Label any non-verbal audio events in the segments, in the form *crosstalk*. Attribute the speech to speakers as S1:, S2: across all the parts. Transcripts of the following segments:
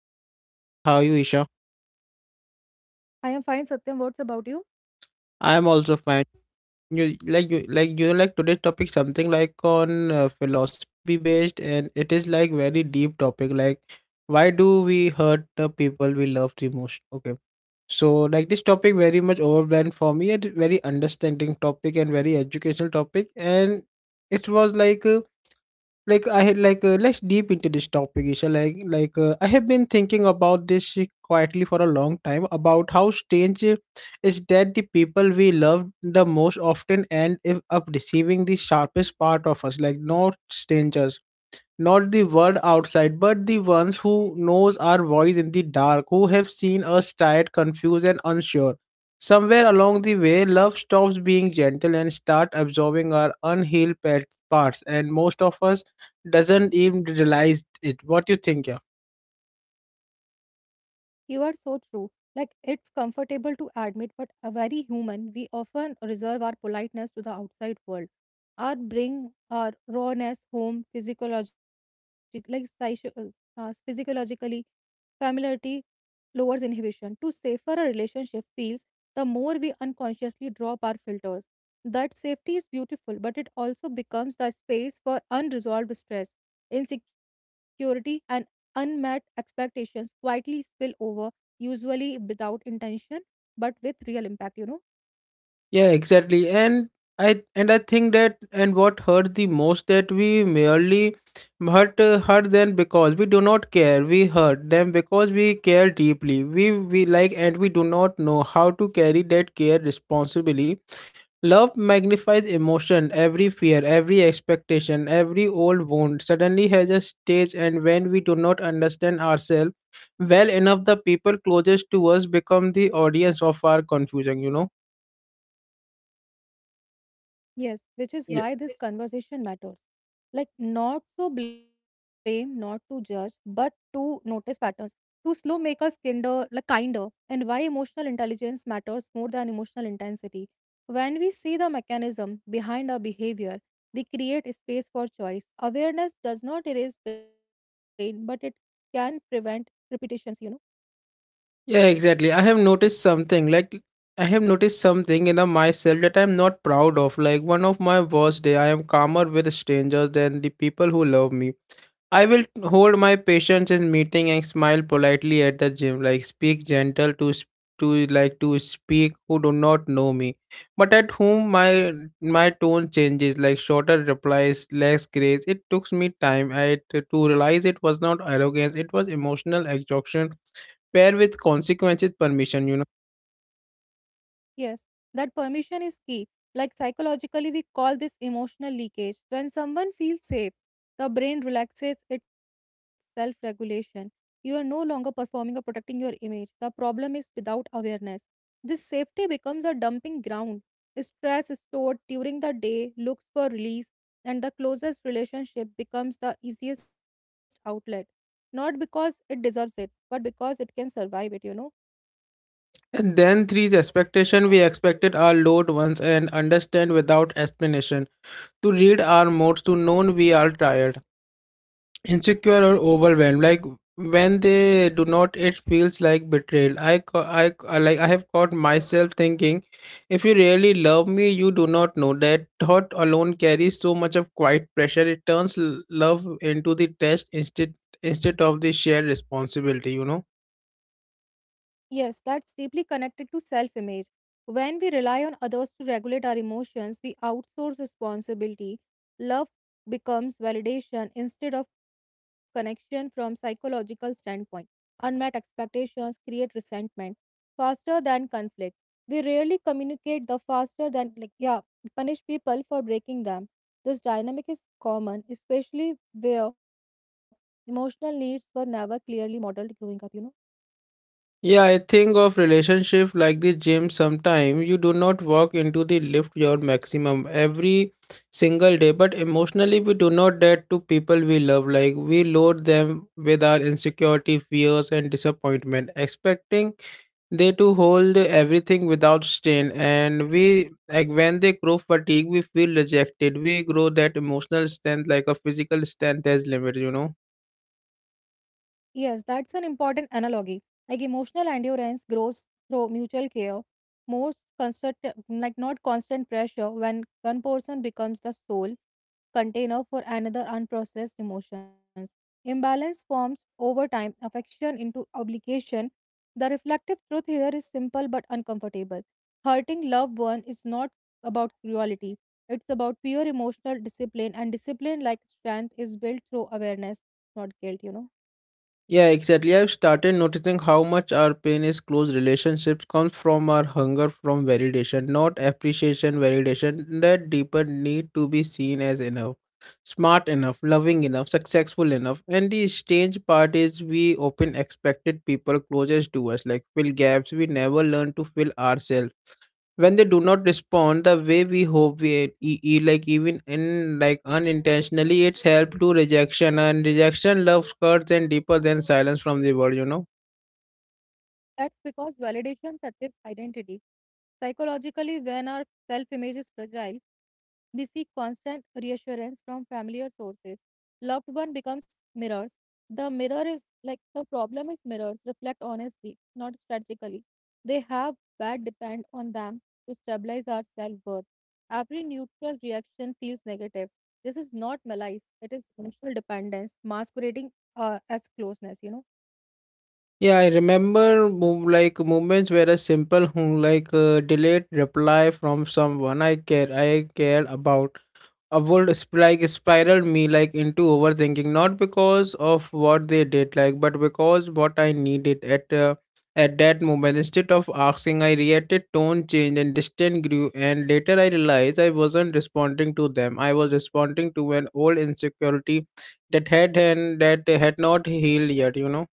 S1: co-host Isha. How are you Isha?
S2: I am fine, Satyam. What's about you?
S1: I am also fine. You like like today's topic something like on philosophy based, and it is like very deep topic like why do we hurt the people we love the most? Okay. So like this topic very much overwhelmed for me and very understanding topic and very educational topic, and it was like I had let's deep into this topic Isha, like I have been thinking about this quietly for a long time about how strange is that the people we love the most often end if- up receiving the sharpest part of us, like not strangers, not the world outside, but the ones who knows our voice in the dark, who have seen us tired, confused, and unsure. Somewhere along the way, love stops being gentle and start absorbing our unhealed pet parts, and most of us doesn't even realize it. What do you think? Yeah,
S2: You are so true. Like, it's comfortable to admit, but a very human, we often reserve our politeness to the outside world. Our bring our rawness home, physiologically, familiarity lowers inhibition. To safer a relationship feels, the more we unconsciously drop our filters. That safety is beautiful, but it also becomes the space for unresolved stress, insecurity, and unmet expectations quietly spill over, usually without intention, but with real impact,
S1: yeah, exactly. And I think that, and what hurt the most that we merely hurt them because we do not care. We hurt them because we care deeply. We like and we do not know how to carry that care responsibly. Love magnifies emotion, every fear, every expectation, every old wound suddenly has a stage, and when we do not understand ourselves well enough, the people closest to us become the audience of our confusion, you know?
S2: Yes, which is why
S1: Yeah.
S2: this conversation matters. Not to blame, not to judge, but to notice patterns, to slow make us kinder, kinder, and why emotional intelligence matters more than emotional intensity. When we see the mechanism behind our behavior, we create a space for choice. Awareness does not erase pain, but it can prevent repetitions,
S1: Yeah, exactly. I have noticed something in the myself that I'm not proud of. Like one of my worst day, I am calmer with strangers than the people who love me. I will hold my patience in meeting and smile politely at the gym. Like speak gentle to like to speak who do not know me, but at whom my tone changes. Like shorter replies, less grace. It took me to realize it was not arrogance. It was emotional exhaustion pair with consequences permission, you know.
S2: Yes, that permission is key. Like psychologically, we call this emotional leakage. When someone feels safe, the brain relaxes its self regulation. You are no longer performing or protecting your image. The problem is without awareness. This safety becomes a dumping ground. Stress stored during the day looks for release, and the closest relationship becomes the easiest outlet. Not because it deserves it, but because it can survive it,
S1: And then three is expectation, we expected our loved ones and understand without explanation, to read our moods, to know we are tired, insecure, or overwhelmed. Like when they do not, it feels like betrayal. Like I have caught myself thinking, if you really love me, you do not know. That thought alone carries so much of quiet pressure. It turns love into the test, instead, instead of the shared responsibility, you know.
S2: Yes, that's deeply connected to self image. When we rely on others to regulate our emotions, we outsource responsibility. Love becomes validation instead of connection from psychological standpoint. Unmet expectations create resentment faster than conflict. We rarely communicate the faster than punish people for breaking them. This dynamic is common, especially where emotional needs were never clearly modeled growing up,
S1: Yeah, I think of relationship like the gym. Sometime you do not walk into the lift your maximum every single day, but emotionally we do not that to people we love. Like we load them with our insecurity, fears, and disappointment, expecting they to hold everything without strain, and we like when they grow fatigue, we feel rejected. We grow that emotional strength, like a physical strength, has limit, you know.
S2: Yes, that's an important analogy. Like emotional endurance grows through mutual care, most constant, like not constant pressure when one person becomes the sole container for another unprocessed emotions. Imbalance forms over time, affection into obligation. The reflective truth here is simple but uncomfortable. Hurting loved one is not about cruelty. It's about pure emotional discipline, and discipline like strength is built through awareness, not guilt,
S1: Yeah, exactly. I've started noticing how much our pain is close relationships comes from our hunger from validation, not appreciation, validation, that deeper need to be seen as enough, smart enough, loving enough, successful enough. And the strange part is we often expected people closest to us, like fill gaps we never learn to fill ourselves. When they do not respond the way we hope, we even in like unintentionally, it's help to rejection, and rejection loves cuts and deeper than silence from the world, you know.
S2: That's because validation touches identity. Psychologically, when our self image is fragile, we seek constant reassurance from familiar sources. Loved one becomes mirrors. The problem is mirrors reflect honestly, not strategically. They have bad depend on them to stabilize our self worth. Every neutral reaction feels negative. This is not malice, it is emotional dependence masquerading as closeness,
S1: Yeah, I remember moments where a simple delayed reply from someone I cared about would spiraled me like into overthinking, not because of what they did, like, but because what I needed at that moment. Instead of asking, I reacted. Tone changed and distance grew, and later I realized I wasn't responding to them, I was responding to an old insecurity that had and that had not healed yet, you know.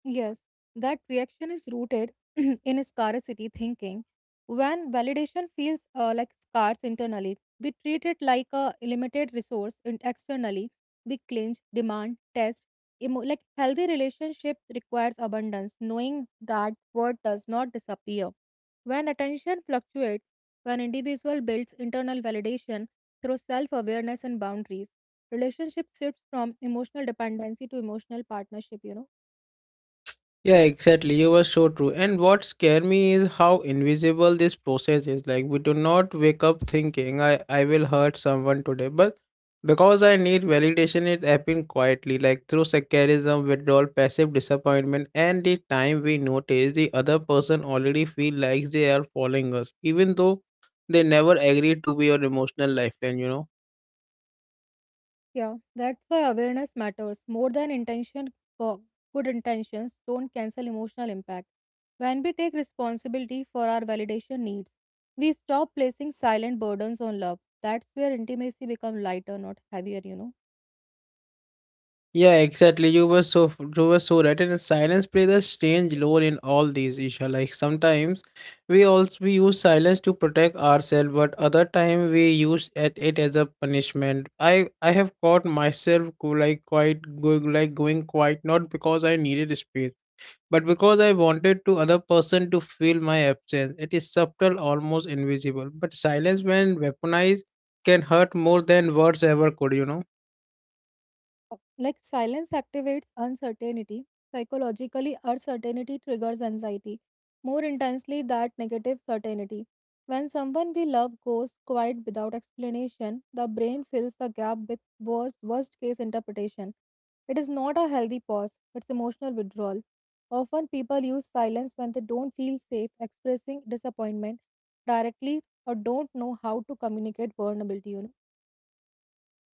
S2: Yes, that reaction is rooted *clears throat* in scarcity thinking. When validation feels scarce internally, we treat it like a limited resource and externally. We clinch, demand, test. Healthy relationship requires abundance, knowing that worth does not disappear. When attention fluctuates, when individual builds internal validation through self-awareness and boundaries, relationship shifts from emotional dependency to emotional partnership.
S1: Yeah, exactly. You were so true. And what scared me is how invisible this process is. Like we do not wake up thinking I will hurt someone today. But because I need validation, it happened quietly, like through sarcasm, withdrawal, passive disappointment, and the time we notice, the other person already feel like they are following us, even though they never agreed to be your emotional lifeline, you know.
S2: Yeah, that's why awareness matters more than intention. Go- Good intentions don't cancel emotional impact. When we take responsibility for our validation needs, we stop placing silent burdens on love. That's where intimacy becomes lighter, not heavier,
S1: Yeah, exactly. You were so right, and silence plays a strange role in all these, Isha. Like sometimes we also we use silence to protect ourselves, but other time we use at it as a punishment. I have caught myself go like quite going like going quiet, not because I needed space, but because I wanted to other person to feel my absence. It is subtle, almost invisible, but silence when weaponized can hurt more than words ever could. You know.
S2: Like silence activates uncertainty. Psychologically, uncertainty triggers anxiety more intensely than negative certainty. When someone we love goes quiet without explanation, the brain fills the gap with worst case interpretation. It is not a healthy pause, it's emotional withdrawal. Often people use silence when they don't feel safe expressing disappointment directly or don't know how to communicate vulnerability,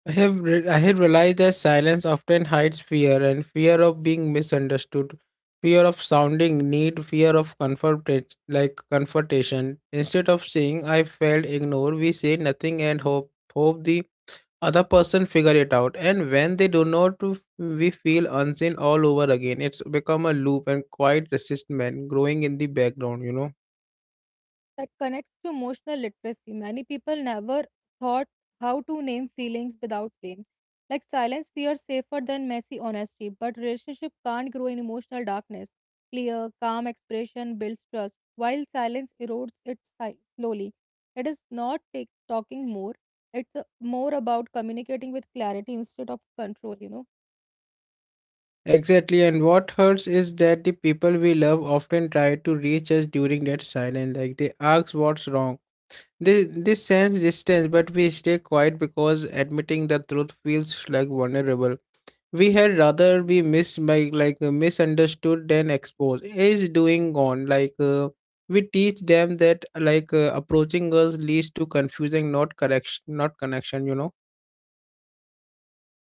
S1: I had realized that silence often hides fear, and fear of being misunderstood, fear of sounding need, fear of comfort like confrontation. Instead of saying I felt ignored, we say nothing and hope the other person figure it out. And when they do not, we feel unseen all over again. It's become a loop and quiet resistance growing in the background. You know.
S2: That connects to emotional literacy. Many people never thought how to name feelings without blame. Like silence feels safer than messy honesty, but relationship can't grow in emotional darkness. Clear, calm expression builds trust, while silence erodes it slowly. It is not take, talking more; it's more about communicating with clarity instead of control.
S1: Exactly, and what hurts is that the people we love often try to reach us during that silence, like they ask what's wrong. They sense distance, but we stay quiet because admitting the truth feels like vulnerable. We had rather be missed by misunderstood than exposed. Is doing on like we teach them that approaching us leads to confusing, not correction, not connection. You know.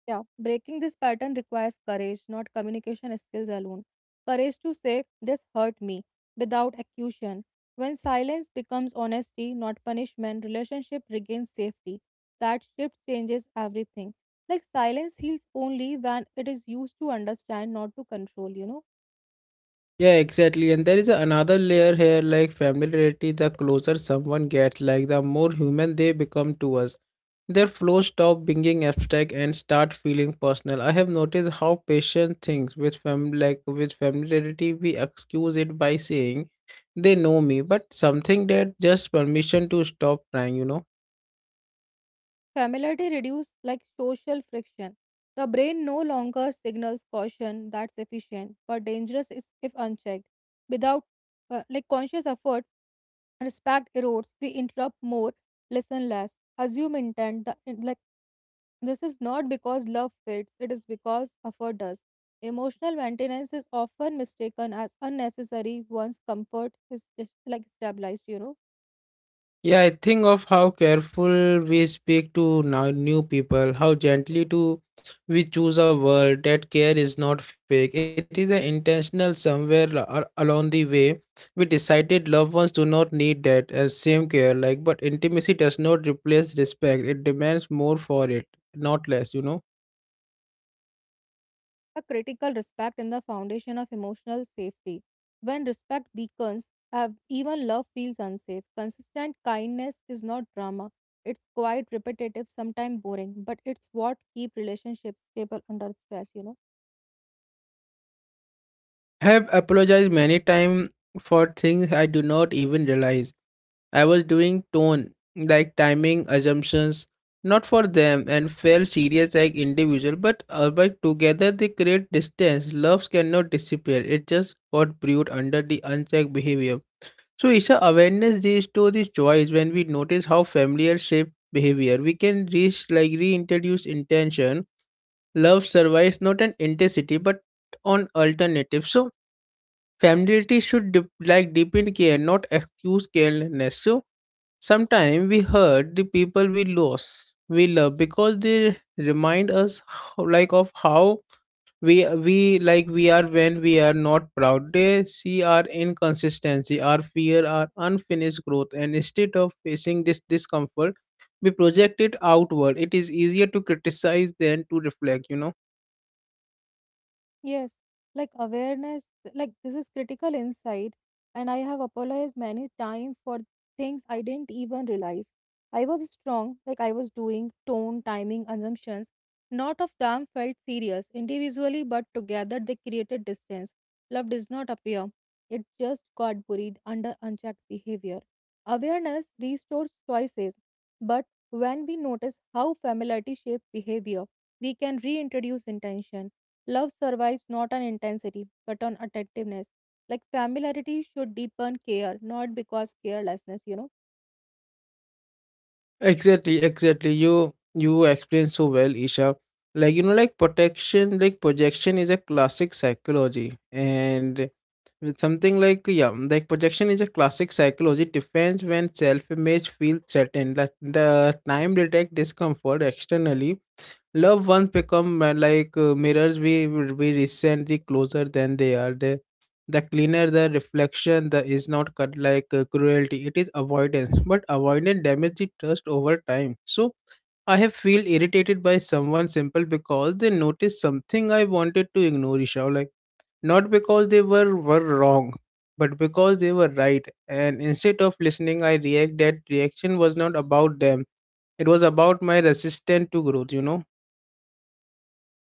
S2: Yeah, breaking this pattern requires courage, not communication skills alone. Courage to say, "This hurt me," without accusation. When silence becomes honesty, not punishment, relationship regains safety. That shift changes everything. Like silence heals only when it is used to understand, not to control,
S1: Yeah, exactly. And there is another layer here, like familiarity. The closer someone gets, like the more human they become to us. Their flow stop being abstract and start feeling personal. I have noticed how patient things with fam like with familiarity, we excuse it by saying they know me, but something that just permission to stop trying, you know.
S2: Familiarity reduces like social friction. The brain no longer signals caution, that's efficient, but dangerous is if unchecked. Without conscious effort, respect erodes, we interrupt more, listen less, assume intent the, in- like this is not because love fades, it is because effort does. Emotional maintenance is often mistaken as unnecessary once comfort is stabilized,
S1: Yeah, I think of how careful we speak to now new people, how gently to we choose a word. That care is not fake. It is an intentional somewhere along the way. We decided loved ones do not need that as same care. Like, but intimacy does not replace respect. It demands more for it, not less. You know,
S2: a critical respect in the foundation of emotional safety, when respect beacons, even love feels unsafe. Consistent kindness is not drama, it's quite repetitive, sometimes boring, but it's what keep relationships stable under stress,
S1: have apologized many times for things I do not even realize I was doing tone, like timing assumptions, not for them, and felt serious like individual, but together they create distance. Loves cannot disappear; it just got brewed under the unchecked behavior. So it's a awareness leads to this choice when we notice how familiar shape behavior. We can reach like reintroduce intention. Love survives not an intensity but on alternative. So familiarity should dip, like deepen care, not excuse carelessness. So sometimes we hurt the people we love because they remind us of how we we we are when we are not proud. They see our inconsistency, our fear, our unfinished growth, and instead of facing this discomfort, we project it outward. It is easier to criticize than to reflect. You know.
S2: Yes, like awareness, like this is critical insight, and I have apologized many times for things I didn't even realize. I was strong, like I was doing tone, timing, assumptions. Not of them felt serious individually, but together they created distance. Love does not appear, it just got buried under unchecked behavior. Awareness restores choices, but when we notice how familiarity shapes behavior, we can reintroduce intention. Love survives not on intensity, but on attentiveness. Like familiarity should deepen care, not because carelessness,
S1: Exactly, exactly. You explain so well, Isha. Like you know, like protection, like projection is a classic psychology, and with something like yeah, like projection is a classic psychology defense when self-image feels threatened. Like the time detect discomfort externally. Loved ones become mirrors. We resent the closer than they are. The cleaner the reflection, the is not cut cruelty. It is avoidance, but avoidance damage the trust over time. So I have feel irritated by someone simple because they noticed something I wanted to ignore. Isha, like not because they were wrong, but because they were right. And instead of listening, I react. That reaction was not about them. It was about my resistance to growth, you know?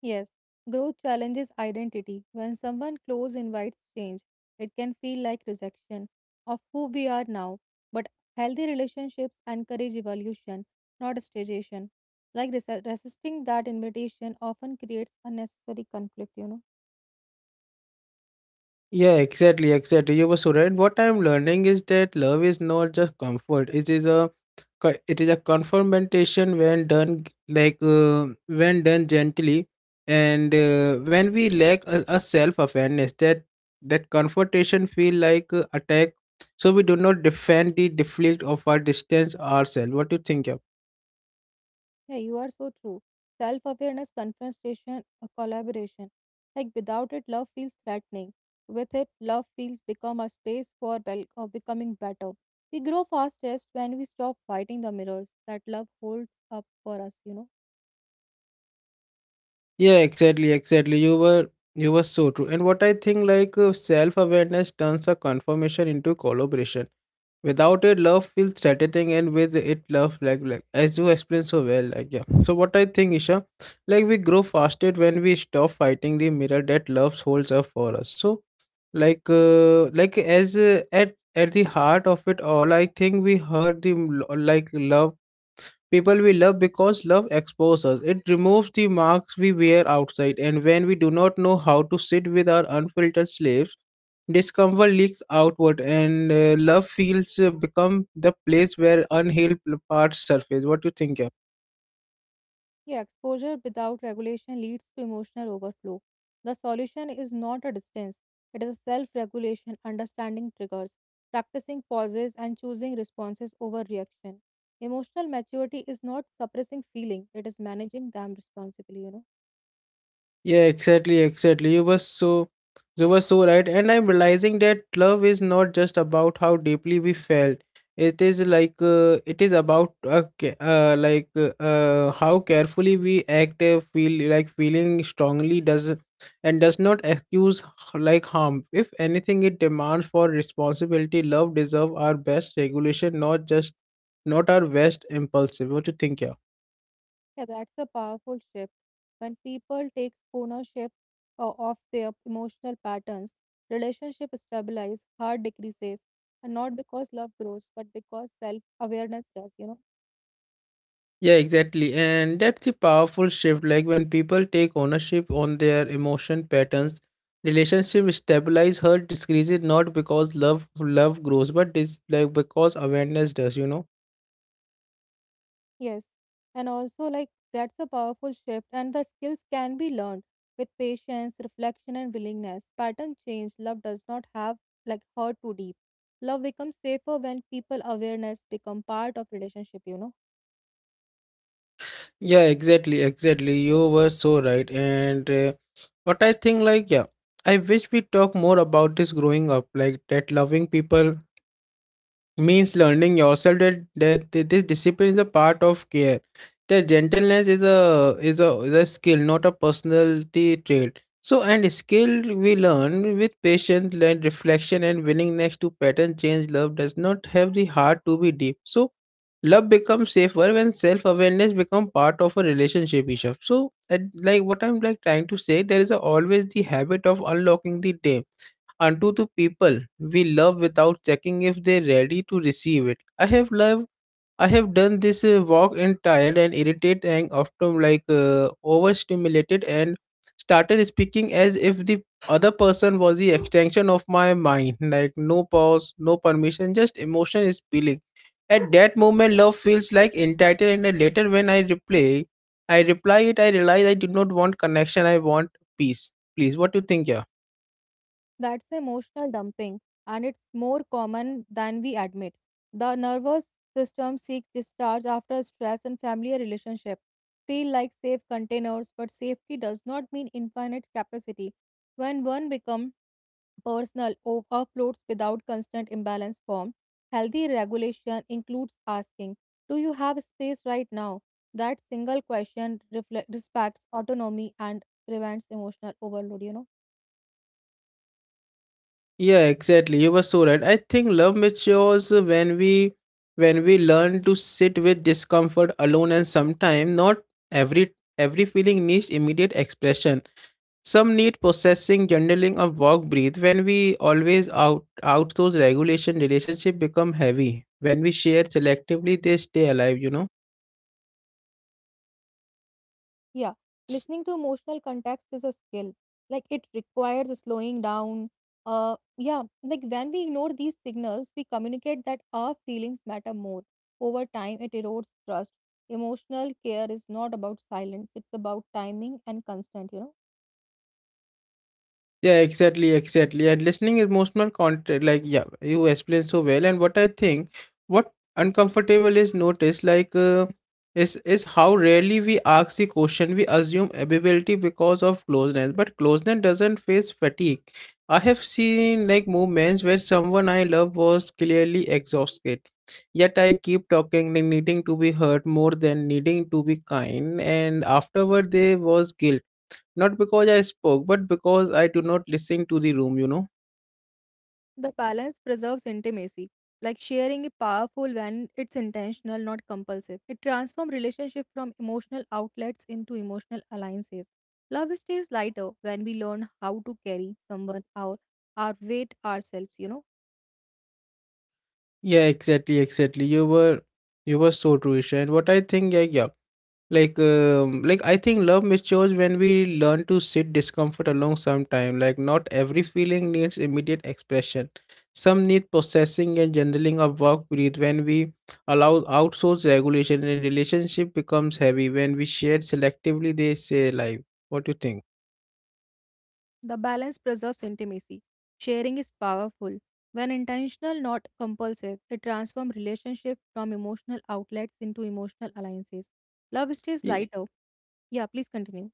S2: Yes, growth challenges identity. When someone close invites change, it can feel like rejection of who we are now. But healthy relationships encourage evolution, not stagnation. Like resisting that invitation often creates unnecessary conflict,
S1: Yeah, exactly, exactly. You were so right. What I'm learning is that love is not just comfort. It is a it is a confrontation when done g- like when done gently, and when we lack a self-awareness that that confrontation feel like attack, so we do not defend the deflect of our distance ourselves. What do you think? Yeah?
S2: Yeah, you are so true. Self awareness, confrontation, collaboration. Like without it, love feels threatening. With it, love feels become a space for becoming better. We grow fastest when we stop fighting the mirrors that love holds up for us,
S1: Yeah, exactly, exactly. You were so true. And what I think self-awareness turns a confirmation into collaboration. Without it, love feels threatening, and with it, love like as you explained so well, like yeah. So what I think, Isha, like we grow faster when we stop fighting the mirror that love holds up for us. So like as at the heart of it all, I think we heard the m- lo- like love people we love because love exposes us. It removes the marks we wear outside, and when we do not know how to sit with our unfiltered slaves, discomfort leaks outward, and love feels become the place where unhealed parts surface. What do you think, yeah?
S2: Yeah, exposure without regulation leads to emotional overflow. The solution is not a distance, it is a self regulation, understanding triggers, practicing pauses, and choosing responses over reaction. Emotional maturity is not suppressing feeling, it is managing them responsibly,
S1: Yeah, exactly, exactly. You were so right. And I'm realizing that love is not just about how deeply we felt. It is it is about how carefully we act. Feeling strongly does and does not excuse harm. If anything, it demands for responsibility. Love deserve our best regulation, not just not our best impulsive. What do you think, yeah?
S2: Yeah, that's a powerful shift. When people take ownership of their emotional patterns, relationship stabilize, heart decreases, and not because love grows, but because self awareness does,
S1: Yeah, exactly. And that's a powerful shift. Like when people take ownership on their emotion patterns, relationship stabilize hurt decreases not because love grows, but this like because awareness does,
S2: Yes, and also like that's a powerful shift, and the skills can be learned with patience, reflection, and willingness. Pattern change. Love does not have like hurt too deep. Love becomes safer when people awareness become part of relationship.
S1: Yeah, exactly, exactly. You were so right. And what I think I wish we talk more about this growing up, like that loving people means learning yourself this discipline is a part of care. That gentleness is a skill, not a personality trait. So and skill we learn with patience and reflection and willingness to pattern change. Love does not have the heart to be deep. So love becomes safer when self awareness become part of a relationship, Isha. So at, like what I'm like trying to say, there is a, always the habit of unlocking the dam unto the people we love without checking if they're ready to receive it. I have done this walk and tired and irritated and often overstimulated and started speaking as if the other person was the extension of my mind. Like no pause, no permission, just emotion is spilling. At that moment, love feels like entitled, and then later when I replay, I reply it. I realize I did not want connection. I want peace. Please, what do you think, yeah?
S2: That's emotional dumping, and it's more common than we admit. The nervous system seeks discharge after stress and family relationship feel like safe containers, but safety does not mean infinite capacity. When one becomes personal offloads without constant imbalance form. Healthy regulation includes asking, "Do you have space right now?" That single question reflect, respects autonomy and prevents emotional overload,
S1: Yeah, exactly. You were so right. I think love matures when we learn to sit with discomfort alone and sometimes not every feeling needs immediate expression. Some need processing, journaling or walk breathe. When we always out those regulation relationship become heavy. When we share selectively they stay alive,
S2: Yeah, listening to emotional context is a skill. Like it requires slowing down. When we ignore these signals, we communicate that our feelings matter more. Over time, it erodes trust. Emotional care is not about silence, it's about timing and constant,
S1: Yeah, exactly, exactly. And listening is emotional content. You explain so well. And what I think, what uncomfortable is notice, is how rarely we ask the question. We assume ability because of closeness, but closeness doesn't face fatigue. I have seen like moments where someone I love was clearly exhausted, yet I keep talking, like needing to be heard more than needing to be kind. And afterward, there was guilt not because I spoke, but because I do not listen to the room,
S2: The balance preserves intimacy, like sharing is powerful when it's intentional, not compulsive. It transforms relationship from emotional outlets into emotional alliances. Love stays lighter when we learn how to carry someone our weight ourselves.
S1: Yeah, exactly, exactly. You were so true, Isha. And what I think, yeah. I think love matures when we learn to sit discomfort along some time. Like not every feeling needs immediate expression. Some need processing and journaling of work breathe when we allow outsource regulation and relationship becomes heavy when we share selectively they say life. What do you
S2: The balance preserves intimacy. Sharing is powerful when intentional, not compulsive. It transforms relationship from emotional outlets into emotional alliances. Love stays
S1: think?
S2: lighter. Yeah, please continue.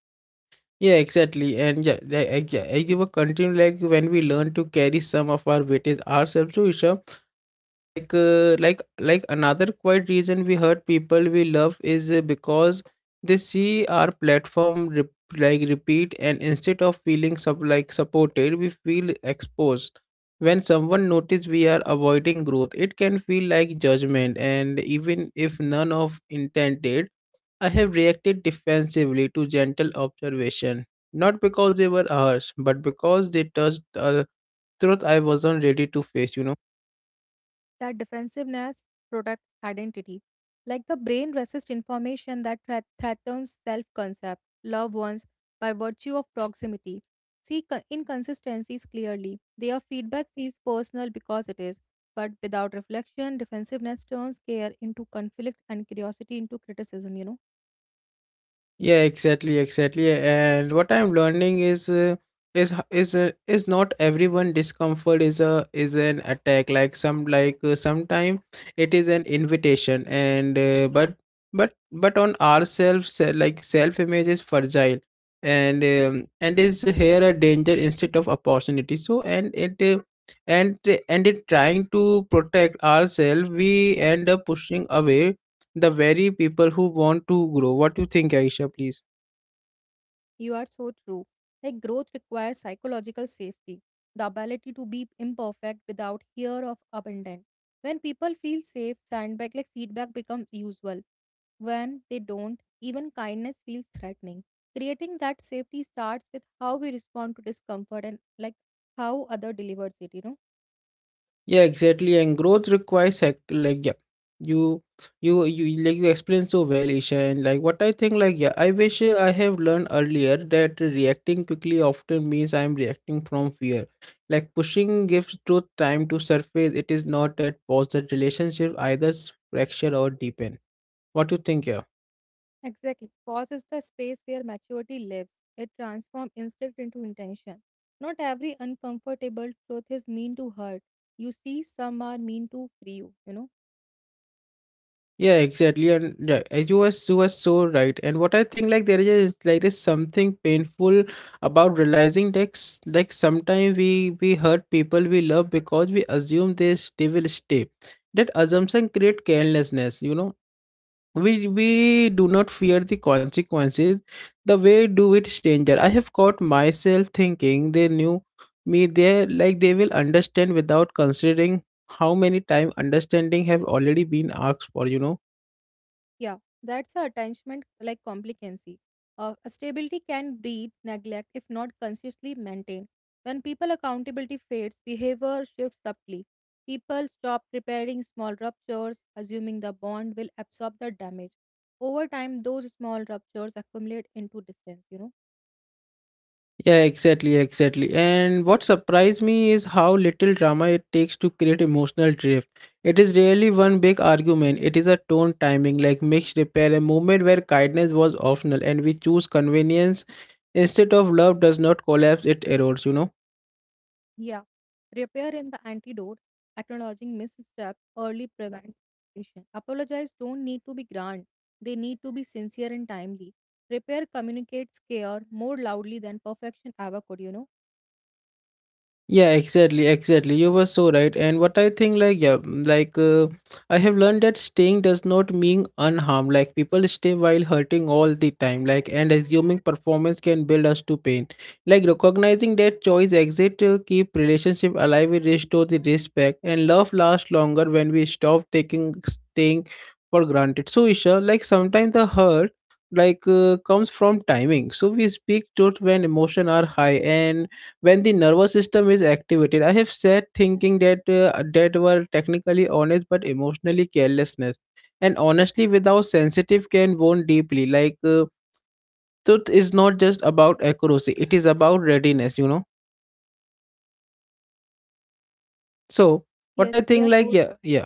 S1: Yeah, exactly. And I give a continue like when we learn to carry some of our weightage ourselves to Isha. Like another quite reason we hurt people we love is because they see our platform repeat, and instead of feeling sub like supported, we feel exposed. When someone notice we are avoiding growth, it can feel like judgment, and even if none of intended I have reacted defensively to gentle observation, not because they were ours, but because they touched the truth I wasn't ready to face,
S2: That defensiveness protects identity. Like the brain resists information that threatens self concept, loved ones, by virtue of proximity. Inconsistencies clearly. Their feedback feels personal because it is, but without reflection, defensiveness turns care into conflict and curiosity into criticism, you know.
S1: Yeah, exactly, exactly. And what I'm learning is is not everyone discomfort is a is an attack. Like sometime it is an invitation. And but on ourselves like self image is fragile, and is here a danger instead of opportunity. So and it. And and it trying to protect ourselves we end up pushing away the very people who want to grow. What do you think, Aisha, please?
S2: You are so true. Like growth requires psychological safety, the ability to be imperfect without fear of abandon. When people feel safe, sandbag like feedback becomes usual. When they don't, even kindness feels threatening. Creating that safety starts with how we respond to discomfort and like how other delivers it,
S1: Yeah, exactly. And growth requires you you explained so well, Isha. And like what I think, I wish I have learned earlier that reacting quickly often means I'm reacting from fear. Like pushing gives truth time to surface. It is not that pause that relationship either fracture or deepen. What do you think, yeah?
S2: Exactly. Pause is the space where maturity lives. It transforms instinct into intention. Not every uncomfortable truth is mean to hurt. You see, some are mean to free you, you know.
S1: Yeah, exactly. And yeah, and you were so right. And what I think like there is like is something painful about realizing that sometimes we hurt people we love because we assume they will stay. That assumption create carelessness. You know, we do not fear the consequences the way do with stranger. I have caught myself thinking they knew me there like they will understand without considering how many time understanding have already been asked for, you know.
S2: Yeah, that's the attachment like complicancy. A stability can breed neglect if not consciously maintained. When people accountability fades, behavior shifts subtly. People stop repairing small ruptures, assuming the bond will absorb the damage. Over time, those small ruptures accumulate into distance,
S1: Yeah, exactly, exactly. And what surprised me is how little drama it takes to create emotional drift. It is rarely one big argument. It is a tone timing, like mixed repair, a moment where kindness was optional and we choose convenience instead of love does not collapse, it erodes,
S2: Yeah, repair and the antidote, acknowledging missteps early prevents repetition. Apologize don't need to be grand, they need to be sincere and timely. Repair communicates care more loudly than perfection ever could,
S1: Yeah, exactly, exactly. You were so right. And what I think, I have learned that staying does not mean unharmed. Like, people stay while hurting all the time. Like, and assuming performance can build us to pain. Like, recognizing that choice exit to keep relationship alive, will restore the respect, and love lasts longer when we stop taking staying for granted. So, Isha, like, sometimes the hurt comes from timing so we speak truth when emotion are high and when the nervous system is activated. I have said thinking that were technically honest but emotionally carelessness and honestly without sensitive can wound deeply truth is not just about accuracy, it is about readiness, you know. So what I
S2: Yes, we
S1: think
S2: are so.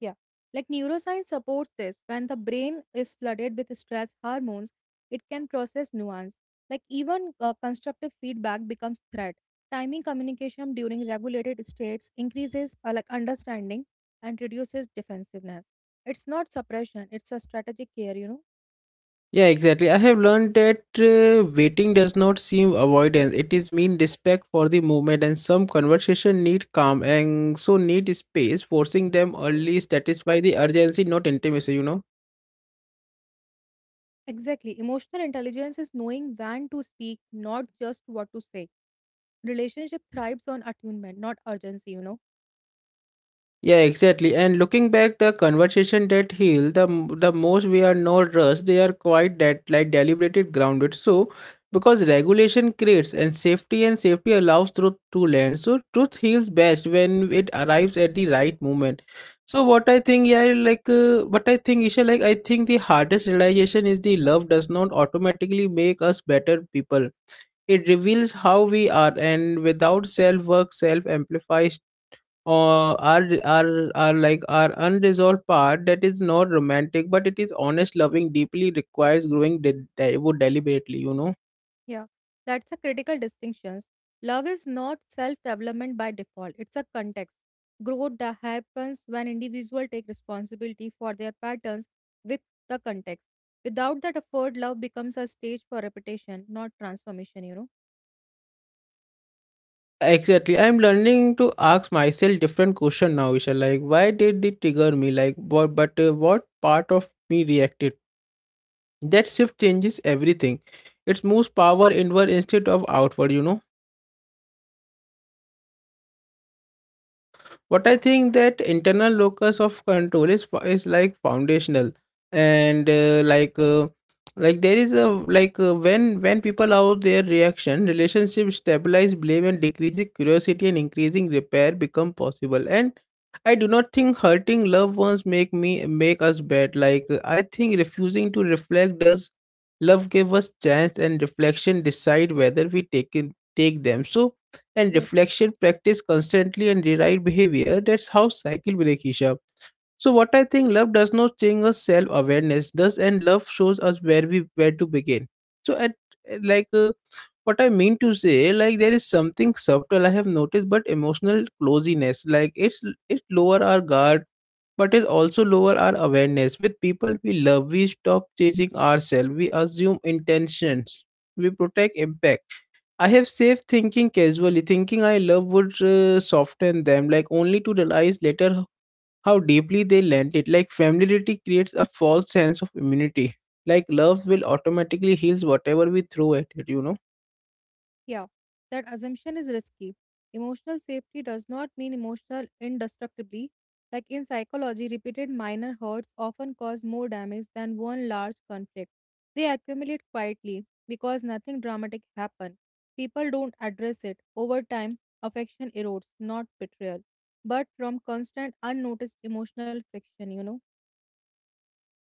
S2: Yeah. Like neuroscience supports this. When the brain is flooded with stress hormones, it can process nuance. Like even constructive feedback becomes threat. Timing communication during regulated states increases understanding and reduces defensiveness. It's not suppression, it's a strategic care,
S1: exactly, I have learned that waiting does not seem avoidance, it is mean respect for the movement and some conversation need calm and so need space forcing them early satisfy the urgency not intimacy, you know.
S2: Exactly. Emotional intelligence is knowing when to speak, not just what to say. Relationship thrives on attunement, not urgency, you know.
S1: Yeah, exactly. And looking back, the conversation that heal the most we are not rushed. They are quite that like deliberated, grounded. So, because regulation creates and safety allows truth to land. So, truth heals best when it arrives at the right moment. So, what I think, Isha, like I think the hardest realization is the love does not automatically make us better people. It reveals how we are, and without self work, self amplifies are like our unresolved part that is not romantic but it is honest loving deeply requires growing de- de- would deliberately, you know.
S2: Yeah, that's a critical distinction. Love is not self development by default, it's a context. Growth that happens when individuals take responsibility for their patterns with the context. Without that effort, love becomes a stage for repetition, not transformation, you know.
S1: Exactly, I'm learning to ask myself different question now, Isha. Like why did it trigger me, like what part of me reacted? That shift changes everything. It moves power inward instead of outward, you know. What I think that internal locus of control is foundational. And there is a when people out their reaction relationship stabilize blame and decreasing curiosity and increasing repair become possible. And I do not think hurting loved ones make us bad. Like I think refusing to reflect does love give us chance and reflection decide whether we take them. So and
S2: Yes.
S1: reflection practice constantly and rewrite behavior. That's how cycle break, Isha. So what I think love does not change us self awareness. Thus and love shows us where to begin. So at like uh, what I mean to say, like there is something subtle I have noticed, but emotional closeness, like it lower our guard, but it also lower our awareness. With people we love, we stop chasing ourselves. We assume intentions. We protect impact. I have saved thinking casually, thinking I love would soften them, like only to realize later how deeply they lent it. Like familiarity creates a false sense of immunity. Like love will automatically heals whatever we throw at it, you know.
S2: Yeah, that assumption is risky. Emotional safety does not mean emotional indestructibly. Like in psychology, repeated minor hurts often cause more damage than one large conflict. They accumulate quietly because nothing dramatic happened. People don't address it. Over time, affection erodes, not betrayal, but from constant unnoticed emotional friction, you know.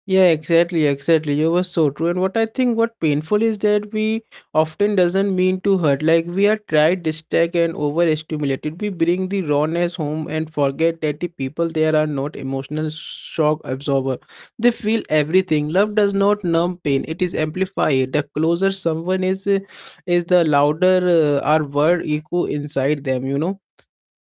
S1: Yeah, exactly, exactly. You were so true. And what I think what painful is that we often doesn't mean to hurt. Like we are tried, distracted, and overstimulated. We bring the rawness home and forget that the people there are not emotional shock absorber. They feel everything. Love does not numb pain. It is amplified. The closer someone is, is the louder our word echo inside them. You know,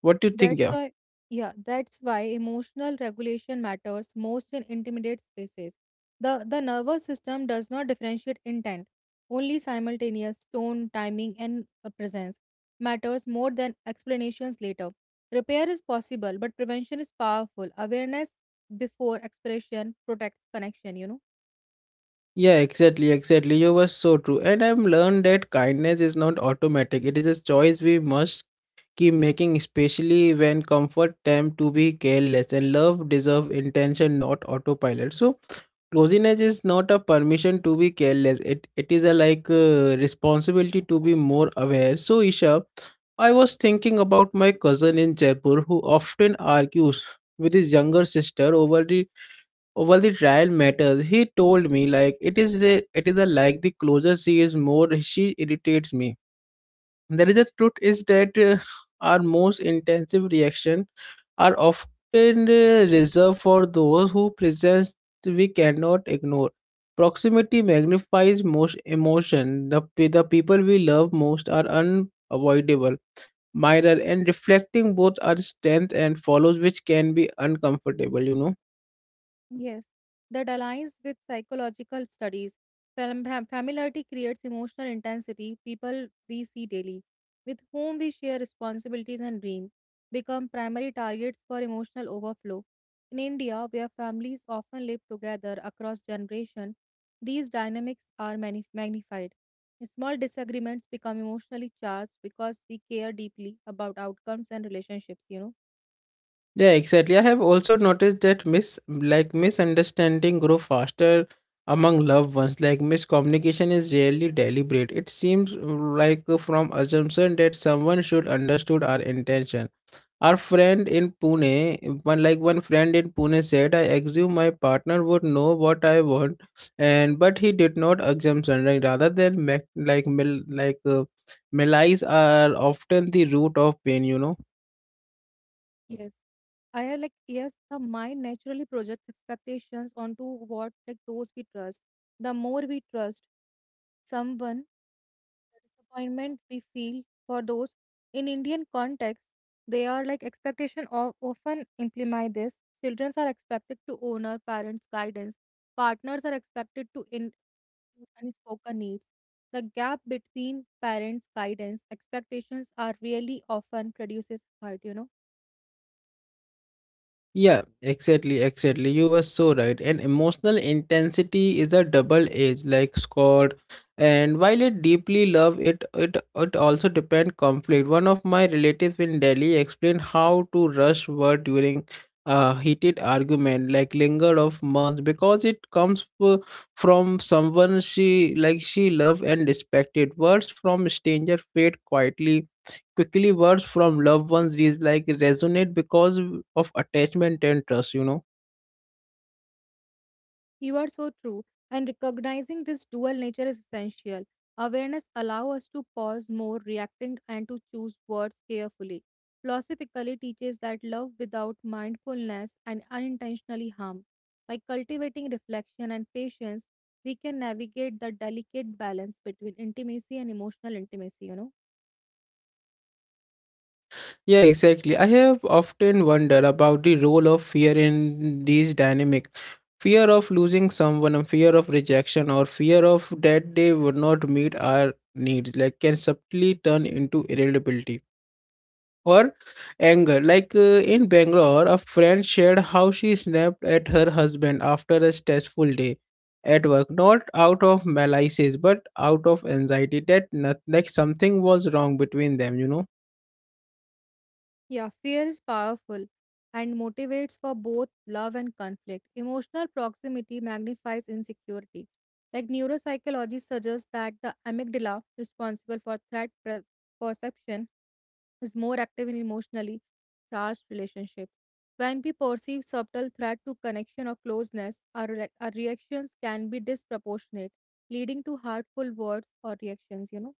S1: what do you think?
S2: That's
S1: Yeah.
S2: why, yeah, that's why emotional regulation matters most in intimate spaces. The nervous system does not differentiate intent, only simultaneous tone, timing, and presence matters more than explanations later. Repair is possible, but prevention is powerful. Awareness before expression protects connection, you know.
S1: Yeah, exactly, exactly. You were so true. And I've learned that kindness is not automatic. It is a choice we must keep making, especially when comfort tempt to be careless and love deserve intention, not autopilot. So closeness is not a permission to be careless. It is a like responsibility to be more aware. So Isha, I was thinking about my cousin in Jaipur who often argues with his younger sister over the trial matters. He told me, like it is a, like the closer she is, more she irritates me. There is a truth is that our most intensive reaction are often reserved for those who presence we cannot ignore. Proximity magnifies most emotion. The, the people we love most are unavoidable mirror, and reflecting both our strength and follows, which can be uncomfortable, you know.
S2: Yes, that aligns with psychological studies. Familiarity creates emotional intensity. People we see daily, with whom we share responsibilities and dreams, become primary targets for emotional overflow. In India, where families often live together across generations, these dynamics are magnified. Small disagreements become emotionally charged because we care deeply about outcomes and relationships, you know?
S1: Yeah, exactly. I have also noticed that mis like misunderstanding grow faster among loved ones. Like miscommunication is rarely deliberate. It seems like from assumption that someone should understood our intention. Our friend in Pune, one like one friend in Pune said, I assume my partner would know what I want, and but he did not assumption. Like, rather than malice are often the root of pain. You know.
S2: Yes. I have like yes, the mind naturally projects expectations onto what like those we trust. The more we trust someone, the disappointment we feel for those. In Indian context, they are like expectation of often imply this. Children are expected to honor parents' guidance. Partners are expected to in unspoken needs. The gap between parents' guidance expectations are really often produces hurt. You know.
S1: Yeah, exactly, exactly. You were so right. And emotional intensity is a double edge, like Scott. And while it deeply love it, it also depend conflict. One of my relative in Delhi explained how to rush word during a heated argument, like lingered of months, because it comes from someone she like she loved and respected. Words from stranger fade quietly quickly. Words from loved ones is like resonate because of attachment and trust, you know.
S2: You are so true. And recognizing this dual nature is essential. Awareness allows us to pause more, reacting, and to choose words carefully. Philosophically teaches that love without mindfulness and unintentionally harm. By cultivating reflection and patience, we can navigate the delicate balance between intimacy and emotional intimacy, you know.
S1: Yeah, exactly. I have often wondered about the role of fear in these dynamics. Fear of losing someone and fear of rejection or fear of that they would not meet our needs, like can subtly turn into irritability or anger. Like in Bangalore, a friend shared how she snapped at her husband after a stressful day at work, not out of malice but out of anxiety that not, like something was wrong between them, you know.
S2: Yeah, fear is powerful and motivates for both love and conflict. Emotional proximity magnifies insecurity. Like neuropsychology suggests that the amygdala, responsible for threat perception, is more active in emotionally charged relationships. When we perceive subtle threat to connection or closeness, our our reactions can be disproportionate, leading to hurtful words or reactions, you know.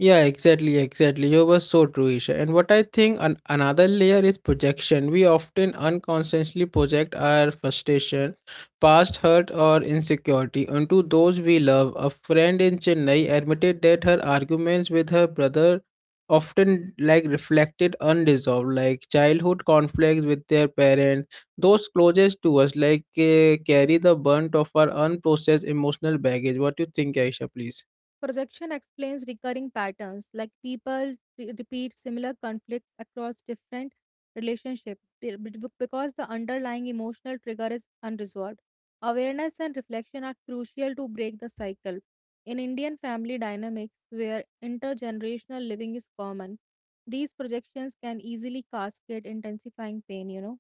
S1: Yeah, exactly, exactly. You were so true, Isha. And what I think another layer is projection. We often unconsciously project our frustration, past hurt, or insecurity onto those we love. A friend in Chennai admitted that her arguments with her brother often like reflected unresolved like childhood conflicts with their parents. Those closest to us like carry the brunt of our unprocessed emotional baggage. What do you think, Aisha, please?
S2: Projection explains recurring patterns, like people repeat similar conflicts across different relationships because the underlying emotional trigger is unresolved. Awareness and reflection are crucial to break the cycle. In Indian family dynamics, where intergenerational living is common, these projections can easily cascade, intensifying pain, you know.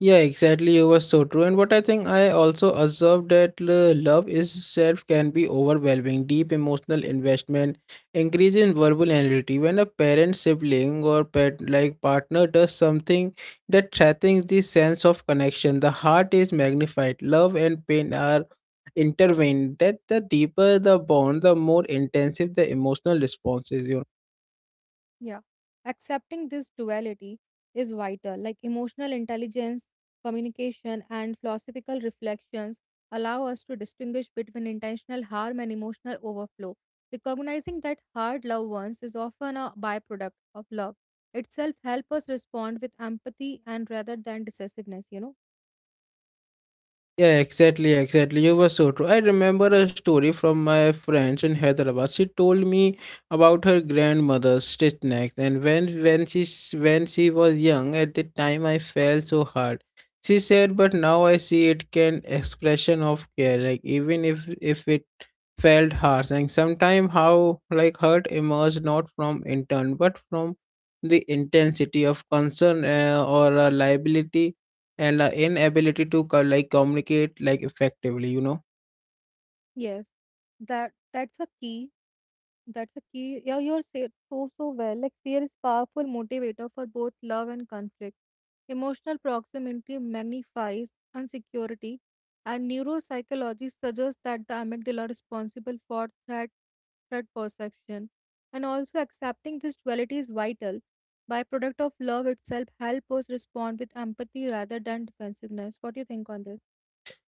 S1: Yeah, exactly. You were so true. And what I think I also observed that love itself can be overwhelming. Deep emotional investment, increase in verbal loyalty. When a parent, sibling, or pet like partner does something that threatens the sense of connection, the heart is magnified. Love and pain are intertwined. That the deeper the bond, the more intensive the emotional response is. You know?
S2: Yeah. Accepting this duality is vital. Like emotional intelligence, communication, and philosophical reflections allow us to distinguish between intentional harm and emotional overflow. Recognizing that hard loved ones is often a byproduct of love itself help us respond with empathy and rather than decisiveness, you know?
S1: Yeah, exactly, exactly. You were so true. I remember a story from my friends in Hyderabad. She told me about her grandmother's stitch neck, and when she when she was young, at the time I felt so hard. She said, but now I see it can expression of care, like even if it felt harsh, and sometimes how like hurt emerged not from intent but from the intensity of concern or a liability and inability to like communicate like effectively, you know.
S2: Yes. That's a key. That's a key. Yeah, you're said so well. Like fear is powerful motivator for both love and conflict. Emotional proximity magnifies insecurity, and neuropsychology suggests that the amygdala responsible for threat perception. And also accepting this duality is vital. Byproduct of love itself help us respond with empathy rather than defensiveness. What do you think on this?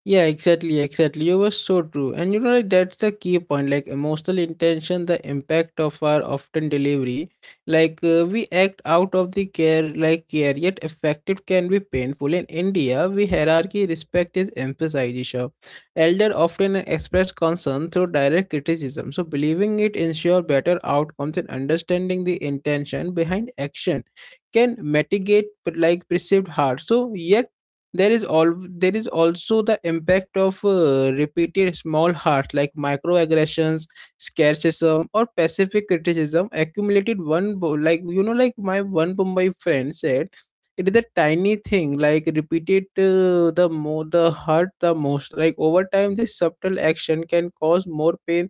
S1: Yeah, exactly, exactly. You were so true. And you know, like, that's the key point. Like emotional intention, the impact of our often delivery. Like we act out of the care, like care, yet effective can be painful. In India, we hierarchy respect is emphasized. Isha. Elder often express concern through direct criticism. So believing it ensure better outcomes and understanding the intention behind action can mitigate like perceived harm. So yet there is all there is also the impact of repeated small hurts like microaggressions, scarcism or pacific criticism accumulated one like, you know, like my one of my friend said it is a tiny thing like repeated the more the hurt the most. Like over time this subtle action can cause more pain,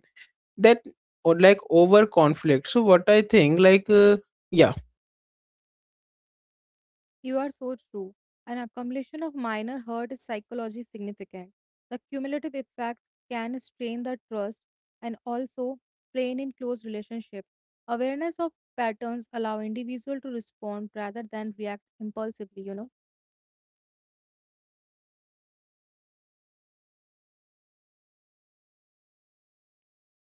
S1: that or like over conflict. So what I think, like yeah.
S2: You are so true. An accumulation of minor hurt is psychologically significant. The cumulative effect can strain the trust and also strain in close relationship. Awareness of patterns allow individual to respond rather than react impulsively, you know.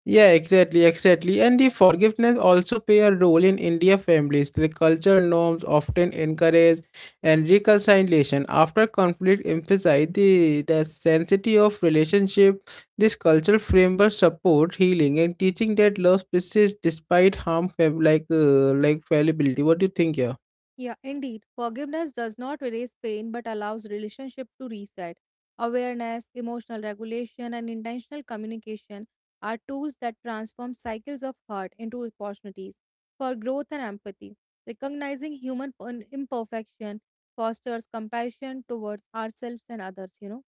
S1: Yeah, exactly, exactly. And the forgiveness also play a role in India families. The culture norms often encourage and reconciliation after conflict emphasize the sanctity of relationship. This cultural framework support healing and teaching that love persists despite harm like fallibility. What do you think here?
S2: Yeah, indeed. Forgiveness does not erase pain but allows relationship to reset. Awareness, emotional regulation, and intentional communication are tools that transform cycles of hurt into opportunities for growth and empathy. Recognizing human imperfection fosters compassion towards ourselves and others, you know.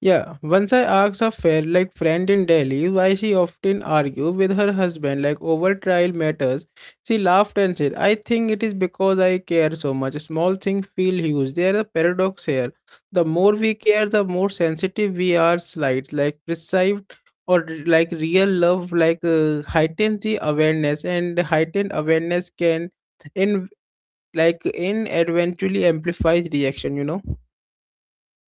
S1: Yeah, once I asked a fair like friend in Delhi why she often argue with her husband like over trial matters. She laughed and said, "I think it is because I care so much. Small things feel huge. There is a paradox here. The more we care, the more sensitive we are. Slight like perceived or like real love like heightens the awareness, and heightened awareness can in like in eventually amplifies reaction. You know."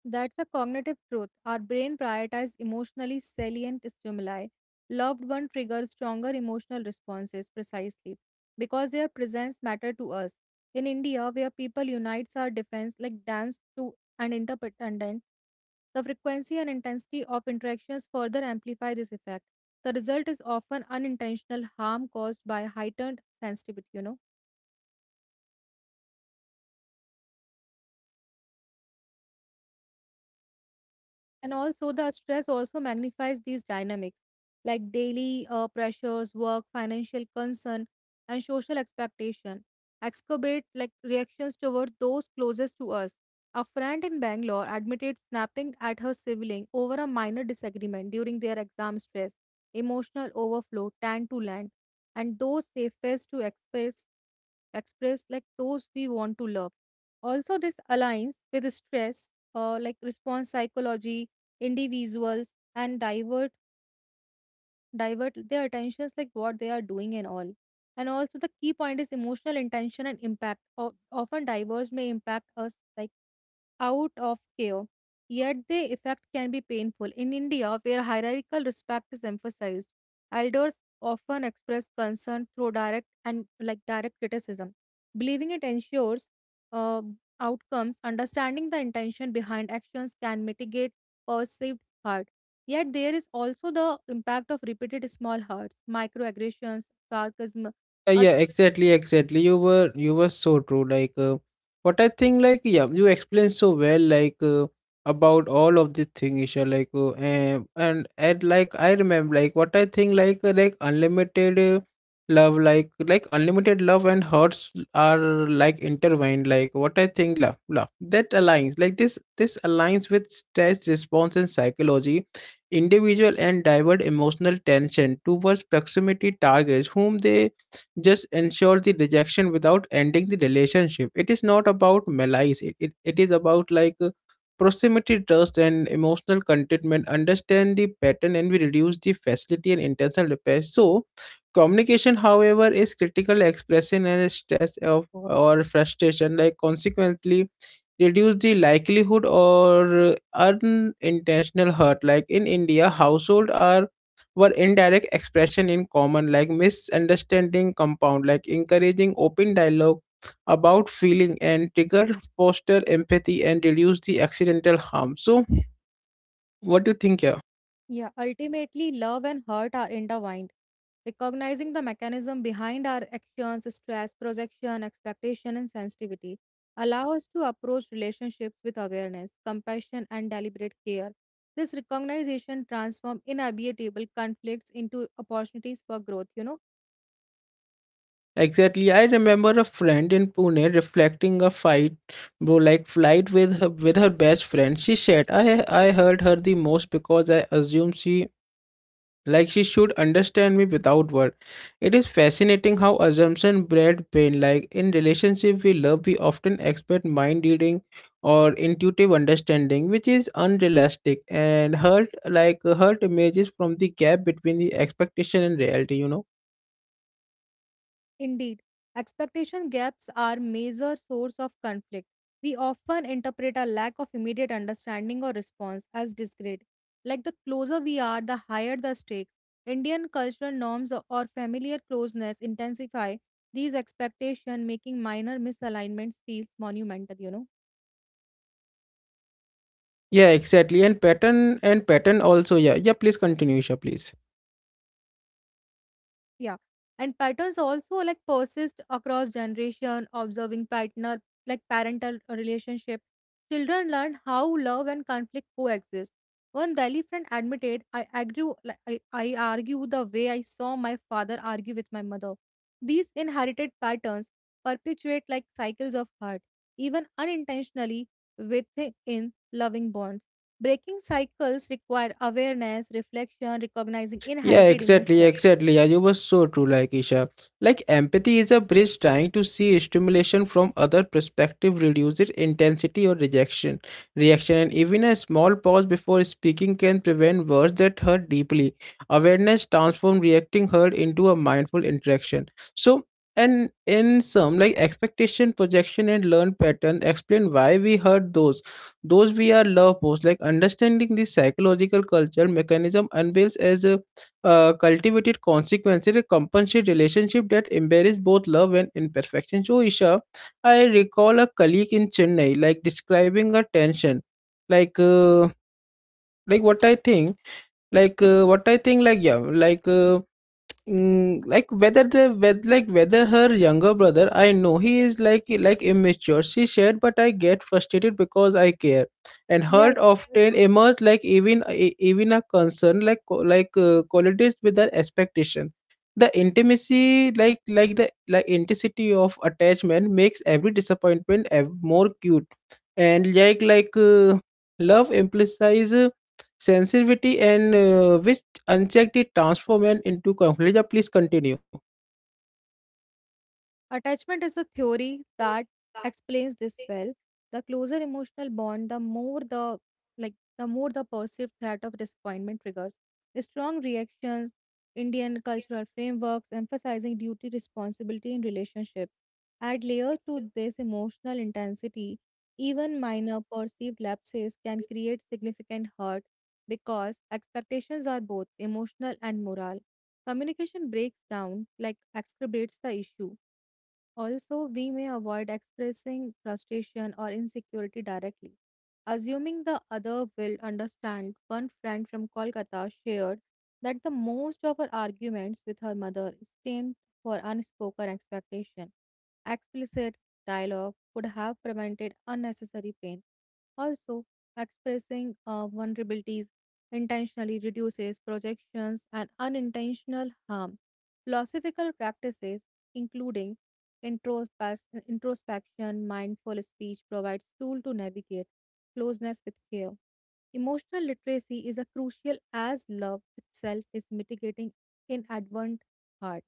S2: That's a cognitive truth. Our brain prioritizes emotionally salient stimuli. Loved one triggers stronger emotional responses precisely because their presence matter to us. In India, where people unites our defense like dance to an interdependent, the frequency and intensity of interactions further amplify this effect. The result is often unintentional harm caused by heightened sensitivity, you know. And also, the stress also magnifies these dynamics, like daily pressures, work, financial concern, and social expectation, exacerbate like reactions towards those closest to us. A friend in Bangalore admitted snapping at her sibling over a minor disagreement during their exam stress. Emotional overflow tend to land, and those safest to express like those we want to love. Also, this aligns with stress, like response psychology individuals and divert their attentions like what they are doing and all and also the key point is emotional intention and impact often diverse may impact us like out of care, yet the effect can be painful. In India, where hierarchical respect is emphasized, elders often express concern through direct and like direct criticism. Believing it ensures uh, outcomes, understanding the intention behind actions can mitigate perceived hurt. Yet there is also the impact of repeated small hurts, microaggressions, sarcasm,
S1: yeah
S2: or.
S1: yeah exactly, exactly. You were so true, like what I think like yeah, you explained so well, like about all of the thing, Isha, like like I remember, like what I think, like unlimited love like unlimited love and hearts are like intertwined. Like what I think, love that aligns like this aligns with stress response and psychology individual and divert emotional tension towards proximity targets whom they just ensure the rejection without ending the relationship. It is not about malice. It is about like proximity, trust and emotional contentment. Understand the pattern and we reduce the facility and intentional repair. So communication however is critical. Expressing and stress of or frustration like consequently reduce the likelihood or unintentional hurt. Like in India household are were indirect expression in common, like misunderstanding compound, like encouraging open dialogue about feeling and trigger foster empathy and reduce the accidental harm. So what do you think here?
S2: Yeah, ultimately, love and hurt are intertwined. Recognizing the mechanism behind our actions, stress, projection, expectation, and sensitivity allow us to approach relationships with awareness, compassion, and deliberate care. This recognition transforms inevitable conflicts into opportunities for growth, you know.
S1: Exactly, I remember a friend in Pune reflecting a fight, bro like fight with her best friend. She said, I hurt her the most because I assumed she like she should understand me without words. It is fascinating how assumption bred pain. Like in relationship we love, we often expect mind reading or intuitive understanding, which is unrealistic, and hurt emerges from the gap between the expectation and reality, you know.
S2: Indeed, expectation gaps are major source of conflict. We often interpret a lack of immediate understanding or response as discredit. Like the closer we are, the higher the stakes. Indian cultural norms or familiar closeness intensify these expectations, making minor misalignments feels monumental, you know.
S1: Yeah, exactly. And pattern also. Yeah, yeah, please continue, Isha, please.
S2: Yeah. And patterns also like persist across generation, observing partner like parental relationship. Children learn how love and conflict coexist. One Delhi friend admitted, I argue, like, I argue the way I saw my father argue with my mother. These inherited patterns perpetuate like cycles of hurt, even unintentionally within loving bonds. Breaking cycles require awareness, reflection, recognizing
S1: Yeah,
S2: inherited
S1: exactly,
S2: emotional
S1: exactly. Yeah, you were so true, like Isha. Like empathy is a bridge, trying to see stimulation from other perspective, reduces intensity or rejection, reaction, and even a small pause before speaking can prevent words that hurt deeply. Awareness transforms reacting hurt into a mindful interaction. So and in some like expectation, projection and learned pattern explain why we hurt those we are love posts. Like understanding the psychological culture mechanism unveils as a cultivated consequences, a compensate relationship that embraces both love and imperfection. So, Isha, I recall a colleague in Chennai like describing a tension, like uh, like what I think, like what I think, like yeah, like. Mm, like whether the whether, like whether her younger brother, I know he is like immature. She said but I get frustrated because I care, and
S2: Yeah,
S1: hurt
S2: you're
S1: often
S2: so
S1: emerge like even even a concern like qualities with her expectation. The intimacy like the like intensity of attachment makes every disappointment more cute, and like love implies uh, sensitivity and which unchecked, it transforms and into conflict. Yeah, please continue.
S2: Attachment is a theory that explains this well. The closer emotional bond, the more the perceived threat of disappointment triggers. Strong reactions, Indian cultural frameworks emphasizing duty responsibility in relationships. Add layer to this emotional intensity, even minor perceived lapses can create significant hurt because expectations are both emotional and moral. Communication breaks down, like exacerbates the issue also, we may avoid expressing frustration or insecurity directly. Assuming the other will understand, one friend from Kolkata shared that the most of her arguments with her mother stemmed for unspoken expectation. Explicit dialogue could have prevented unnecessary pain. Also, expressing vulnerabilities intentionally reduces projections and unintentional harm. Philosophical practices, including introspection, mindful speech provides tool to navigate closeness with care. Emotional literacy is a crucial as love itself is mitigating in advent heart.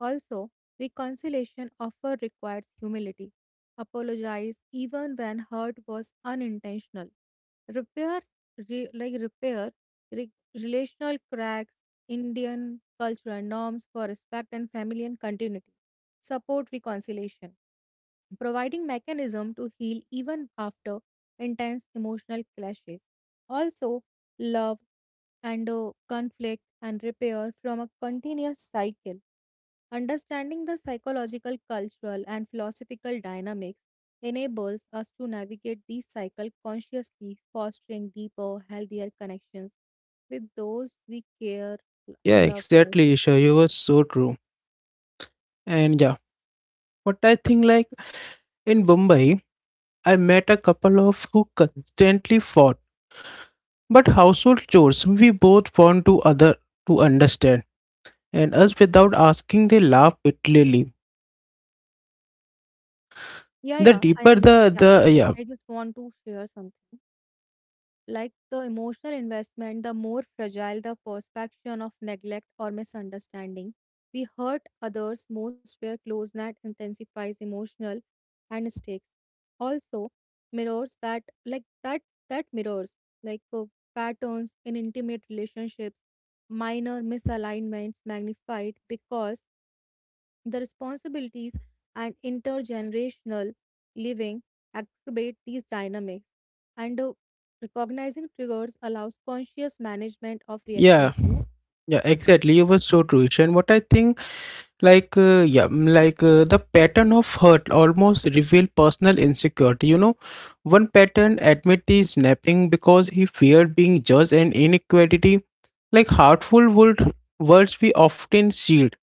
S2: Also, reconciliation often requires humility. Apologize even when hurt was unintentional. Repair, repair, relational cracks, Indian cultural norms for respect and family and continuity support reconciliation, providing mechanism to heal even after intense emotional clashes. Also, love and conflict and repair from a continuous cycle. Understanding the psychological, cultural, and philosophical dynamics enables us to navigate these cycles consciously, fostering deeper, healthier connections with those we care,
S1: Yeah,
S2: love most.
S1: exactly, Isha. You were so true. And yeah, what I think like in Mumbai, I met a couple of who constantly fought. But household chores, we both want to other to understand. And us without asking, they laugh bitterly.
S2: Yeah,
S1: The
S2: yeah. I
S1: deeper
S2: am just
S1: the
S2: yeah.
S1: the yeah.
S2: I just want to share something. Like the emotional investment, the more fragile the perception of neglect or misunderstanding. We hurt others most where closeness intensifies emotional and mistakes. Also, mirrors that mirrors like uh, patterns in intimate relationships, minor misalignments magnified because the responsibilities and intergenerational living exacerbate these dynamics. And recognizing triggers allows conscious management of reactions,
S1: Yeah,
S2: you know.
S1: yeah, exactly. You were so true, Isha. And what I think like the pattern of hurt almost reveal personal insecurity, you know. One pattern admit is snapping because he feared being judged and inequality like hurtful would words we often shield,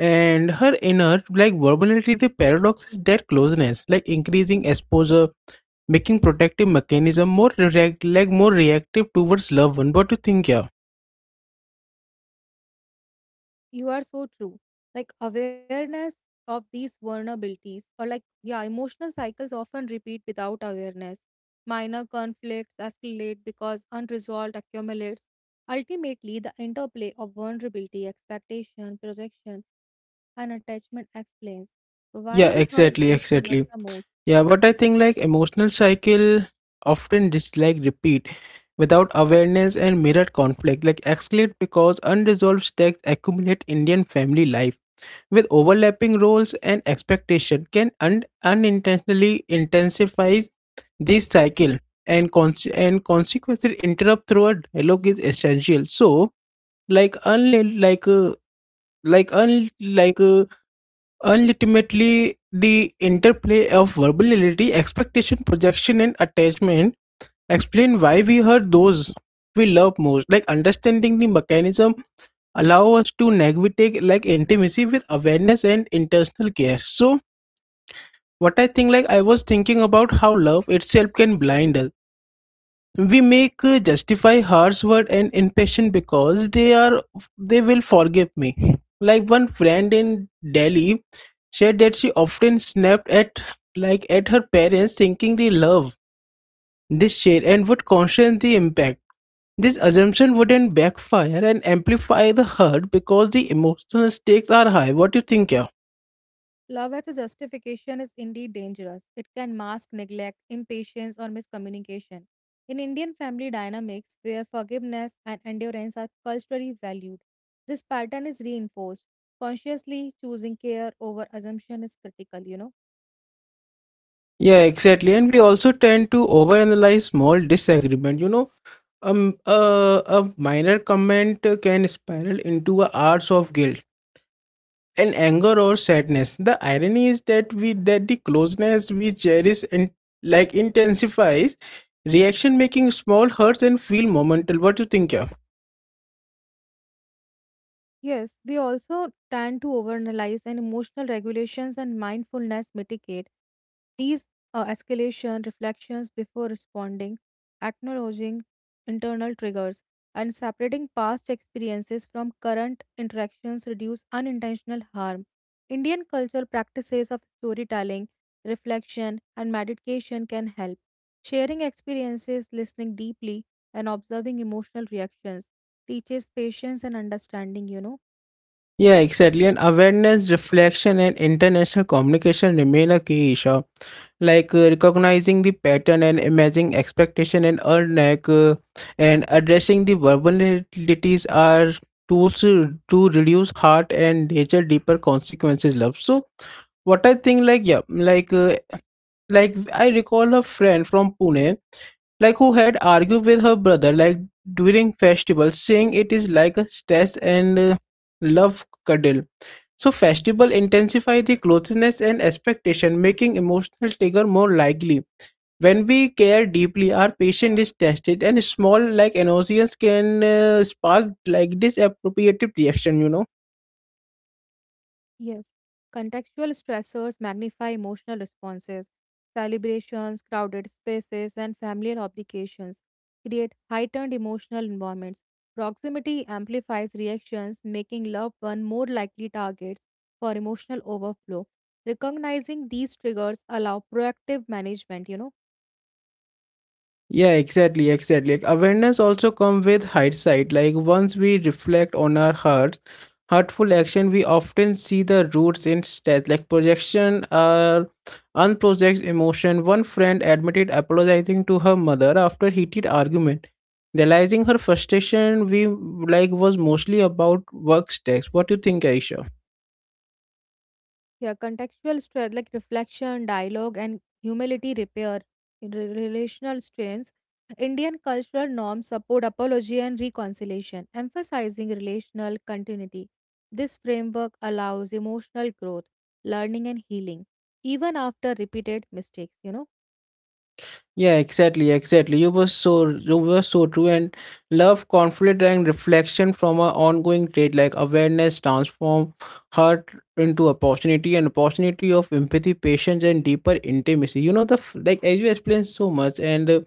S1: and her inner like verbality. The paradox is that closeness like increasing exposure, making protective mechanism more reactive towards loved one. What do you think? Yeah.
S2: You are so true. Like awareness of these vulnerabilities or like yeah emotional cycles often repeat without awareness, minor conflicts escalate because unresolved accumulates, ultimately the interplay of vulnerability, expectation, projection, and attachment explains why we
S1: Yeah,
S2: hurt those
S1: exactly,
S2: we love the
S1: exactly.
S2: most.
S1: Yeah, but I think like emotional cycle often just like repeat without awareness and mirrored conflict, like escalate because unresolved stakes accumulate Indian family life with overlapping roles and expectation can unintentionally intensify this cycle and consequences interrupt through a dialogue is essential. So like unlike like unlike ultimately, the interplay of verbality, expectation, projection, and attachment explain why we hurt those we love most. Like understanding the mechanism allow us to navigate like intimacy with awareness and intentional care. So, what I think, like I was thinking about how love itself can blind us we make justify harsh word and impatient because they will forgive me like one friend in Delhi said that she often snapped at like at her parents thinking they love this shade and would caution the impact this assumption wouldn't backfire and amplify the hurt because the emotional stakes are high. What do you think? Yeah,
S2: Love as a justification is indeed dangerous. It can mask neglect, impatience, or miscommunication. In Indian family dynamics, where forgiveness and endurance are culturally valued, this pattern is reinforced. Consciously choosing care over assumption is critical, you know.
S1: yeah, exactly, and we also tend to overanalyze small disagreement. You know, a minor comment can spiral into a hours of guilt and anger or sadness. The irony is that we that the closeness we cherish and like intensifies reaction, making small hurts and feel momental. What do you think? Yeah?
S2: Yes, they also tend to overanalyze and emotional regulations and mindfulness mitigate these escalation reflections before responding, acknowledging internal triggers, and separating past experiences from current interactions reduce unintentional harm. Indian cultural practices of storytelling, reflection, and meditation can help. Sharing experiences, listening deeply, and observing emotional reactions teaches patience and understanding, you know.
S1: Yeah, exactly. And awareness, reflection, and international communication remain a key issue. Recognizing the pattern and imagining expectation and earn like, and addressing the vulnerabilities are tools to reduce heart and nature deeper consequences. Love. So what I think, like yeah, like I recall a friend from Pune like who had argued with her brother like during festival saying it is like a stress and love cuddle, so festival intensify the closeness and expectation making emotional trigger more likely. When we care deeply our patience is tested and small like annoyance can spark like disappropriative reaction, you know.
S2: Yes, contextual stressors magnify emotional responses. Celebrations, crowded spaces, and familial obligations create heightened emotional environments. Proximity amplifies reactions, making loved one more likely targets for emotional overflow. Recognizing these triggers allow proactive management, you know.
S1: Yeah, exactly, exactly. Like awareness also come with hindsight. Like once we reflect on our hurtful action, we often see the roots in stress, like projection or unprojected emotion. One friend admitted apologizing to her mother after heated argument, realizing her frustration, we like was mostly about work stress. What do you think, Aisha?
S2: Yeah, contextual strength like reflection, dialogue, and humility repair, relational strengths. Indian cultural norms support apology and reconciliation, emphasizing relational continuity. This framework allows emotional growth, learning, and healing, even after repeated mistakes. You know.
S1: Yeah, exactly, exactly. You were so true, and love, conflict and reflection from an ongoing trade like awareness transform hurt into opportunity and opportunity of empathy, patience and deeper intimacy. You know the like as you explained so much and uh,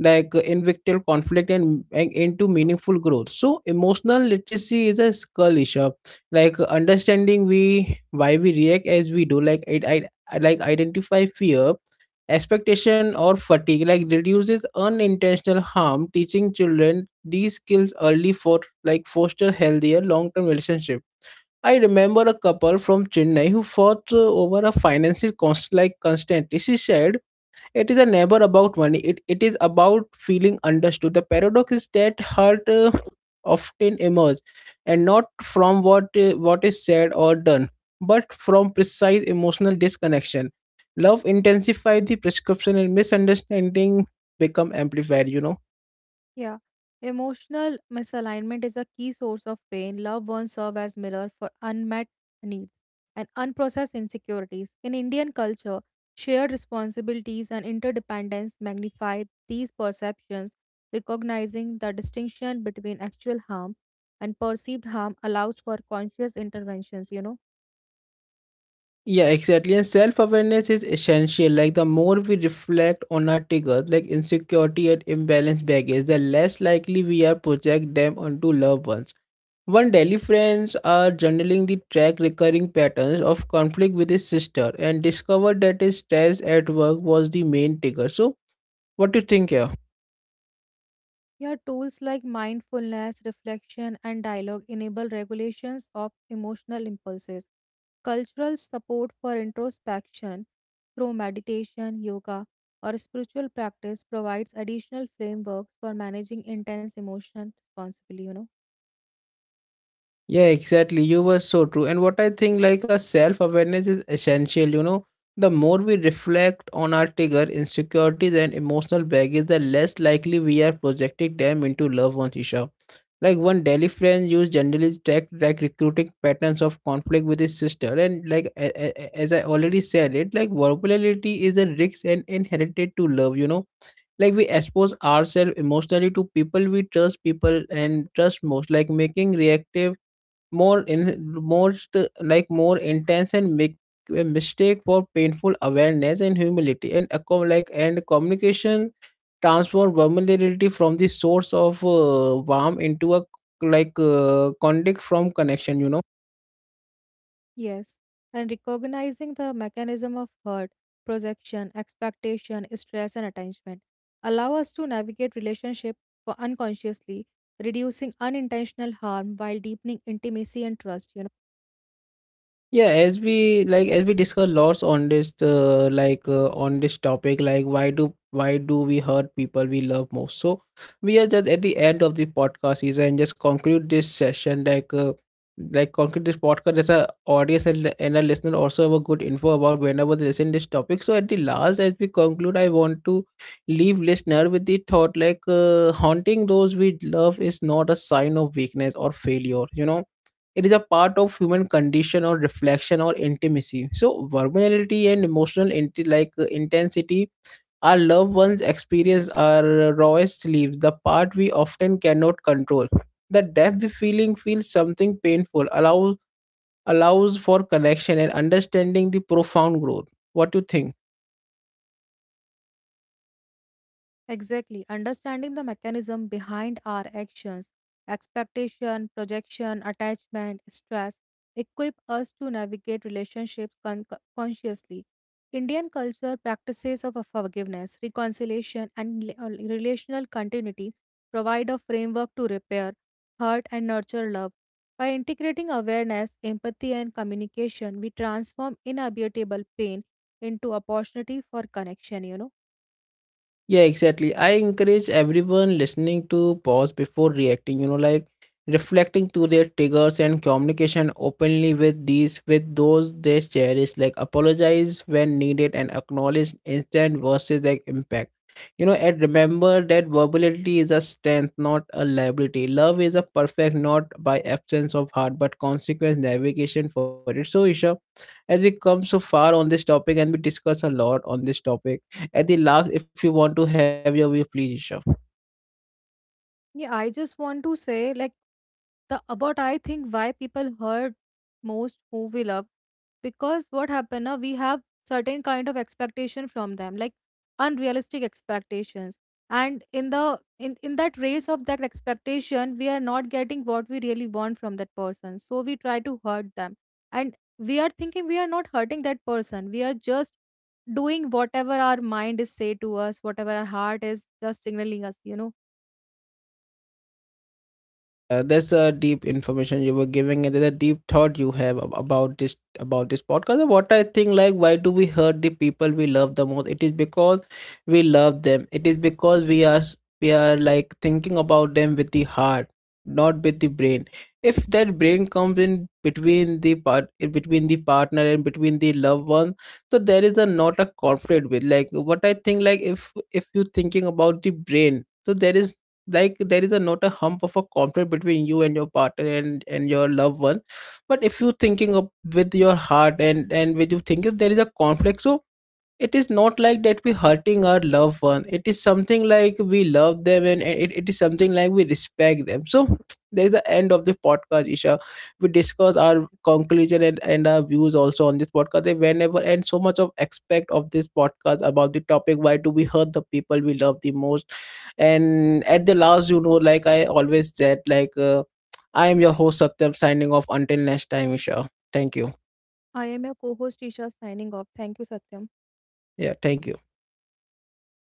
S1: like uh, invictual conflict and into meaningful growth, so emotional literacy is a skill issue understanding we why we react as we do, like it I like identify fear, expectation or fatigue, like reduces unintentional harm, teaching children these skills early for like foster healthier long-term relationship. I remember a couple from Chennai who fought over a finances cost like constantly. She said it is a never about money. It is about feeling understood. The paradox is that hurt often emerge, and not from what is said or done, but from precise emotional disconnection. Love intensifies the prescription, and misunderstanding become amplified, you know.
S2: Yeah. Emotional misalignment is a key source of pain. Loved ones serve as mirror for unmet needs and unprocessed insecurities. In Indian culture, shared responsibilities and interdependence magnify these perceptions. Recognizing the distinction between actual harm and perceived harm allows for conscious interventions, you know.
S1: Yeah, exactly. And self awareness is essential. Like, the more we reflect on our triggers, like insecurity and imbalance baggage, the less likely we are project them onto loved ones. One Delhi friends are journaling the track recurring patterns of conflict with his sister and discovered that his stress at work was the main trigger. So, what do you think here?
S2: Yeah, tools like mindfulness, reflection, and dialogue enable regulations of emotional impulses. Cultural support for introspection through meditation, yoga, or spiritual practice provides additional frameworks for managing intense emotion responsibly, you know.
S1: Yeah, exactly. You were so true. And what I think, like a self awareness is essential. You know, the more we reflect on our trigger, insecurities, and emotional baggage, the less likely we are projecting them into loved ones, Isha. Like one Delhi friend used generally track like recruiting patterns of conflict with his sister, and like as I already said, it like vulnerability is a risk and inherited to love. You know, like we expose ourselves emotionally to people we trust, people and trust most, like making reactive more in most like more intense and make a mistake for painful awareness and humility and and communication transform vulnerability from the source of warm into a conduct from connection, you know.
S2: Yes, and recognizing the mechanism of hurt, projection, expectation, stress, and attachment allow us to navigate relationship unconsciously, reducing unintentional harm while deepening intimacy and trust, you know.
S1: Yeah, as we like as we discuss lots on this on this topic, like why do we hurt people we love most? So we are just at the end of the podcast season and just conclude this session like conclude this podcast as a audience and a listener also have a good info about whenever they listen this topic. So at the last, as we conclude, I want to leave listener with the thought haunting those we love is not a sign of weakness or failure. You know it is a part of human condition or reflection or intimacy, so vulnerability and emotional intensity our loved ones experience our rawest leaves the part we often cannot control, the depth we feeling feels something painful allows for connection and understanding the profound growth. What do you think?
S2: Exactly. Understanding the mechanism behind our actions, expectation, projection, attachment, stress, equip us to navigate relationships consciously. Indian culture practices of forgiveness, reconciliation, and relational continuity provide a framework to repair, hurt, and nurture love. By integrating awareness, empathy, and communication, we transform inevitable pain into opportunity for connection, you know.
S1: Yeah, exactly. I encourage everyone listening to pause before reacting, you know, like reflecting to their triggers and communication openly with these with those they cherish, like apologize when needed and acknowledge instant versus like impact. You know, and remember that verbality is a strength, not a liability. Love is a perfect not by absence of heart, but consequence navigation for it. So Isha, as we come so far on this topic and we discuss a lot on this topic, at the last if you want to have your view please, Isha.
S2: Yeah, I just want to say, like, the about I think why people hurt most who we love because what happened now we have certain kind of expectation from them, like unrealistic expectations, and in the in that race of that expectation, we are not getting what we really want from that person, so we try to hurt them, and we are thinking we are not hurting that person, we are just doing whatever our mind is say to us, whatever our heart is just signaling us, you know.
S1: That's a deep information you were giving, and there's a deep thought you have about this podcast. And what I think, like, why do we hurt the people we love the most? It is because we love them. It is because we are like thinking about them with the heart, not with the brain. If that brain comes in between the part in between the partner and between the loved one, so there is a not a conflict with like what I think. Like, if you're thinking about the brain, so there is like there is a not a hump of a conflict between you and your partner and your loved one, but if you thinking of with your heart and with you thinking there is a conflict, so it is not like that we hurting our loved one, it is something like we love them, and it is something like we respect them. So *tsk* there is the end of the podcast, Isha. We discuss our conclusion and our views also on this podcast they were, and so much of aspect of this podcast about the topic why do we hurt the people we love the most. And at the last, you know, like I always said like *tsk* I am your host Satyam, signing off until next time. Isha, thank you.
S2: I am your co host, Isha, signing off. Thank you, Satyam.
S1: Yeah, thank you.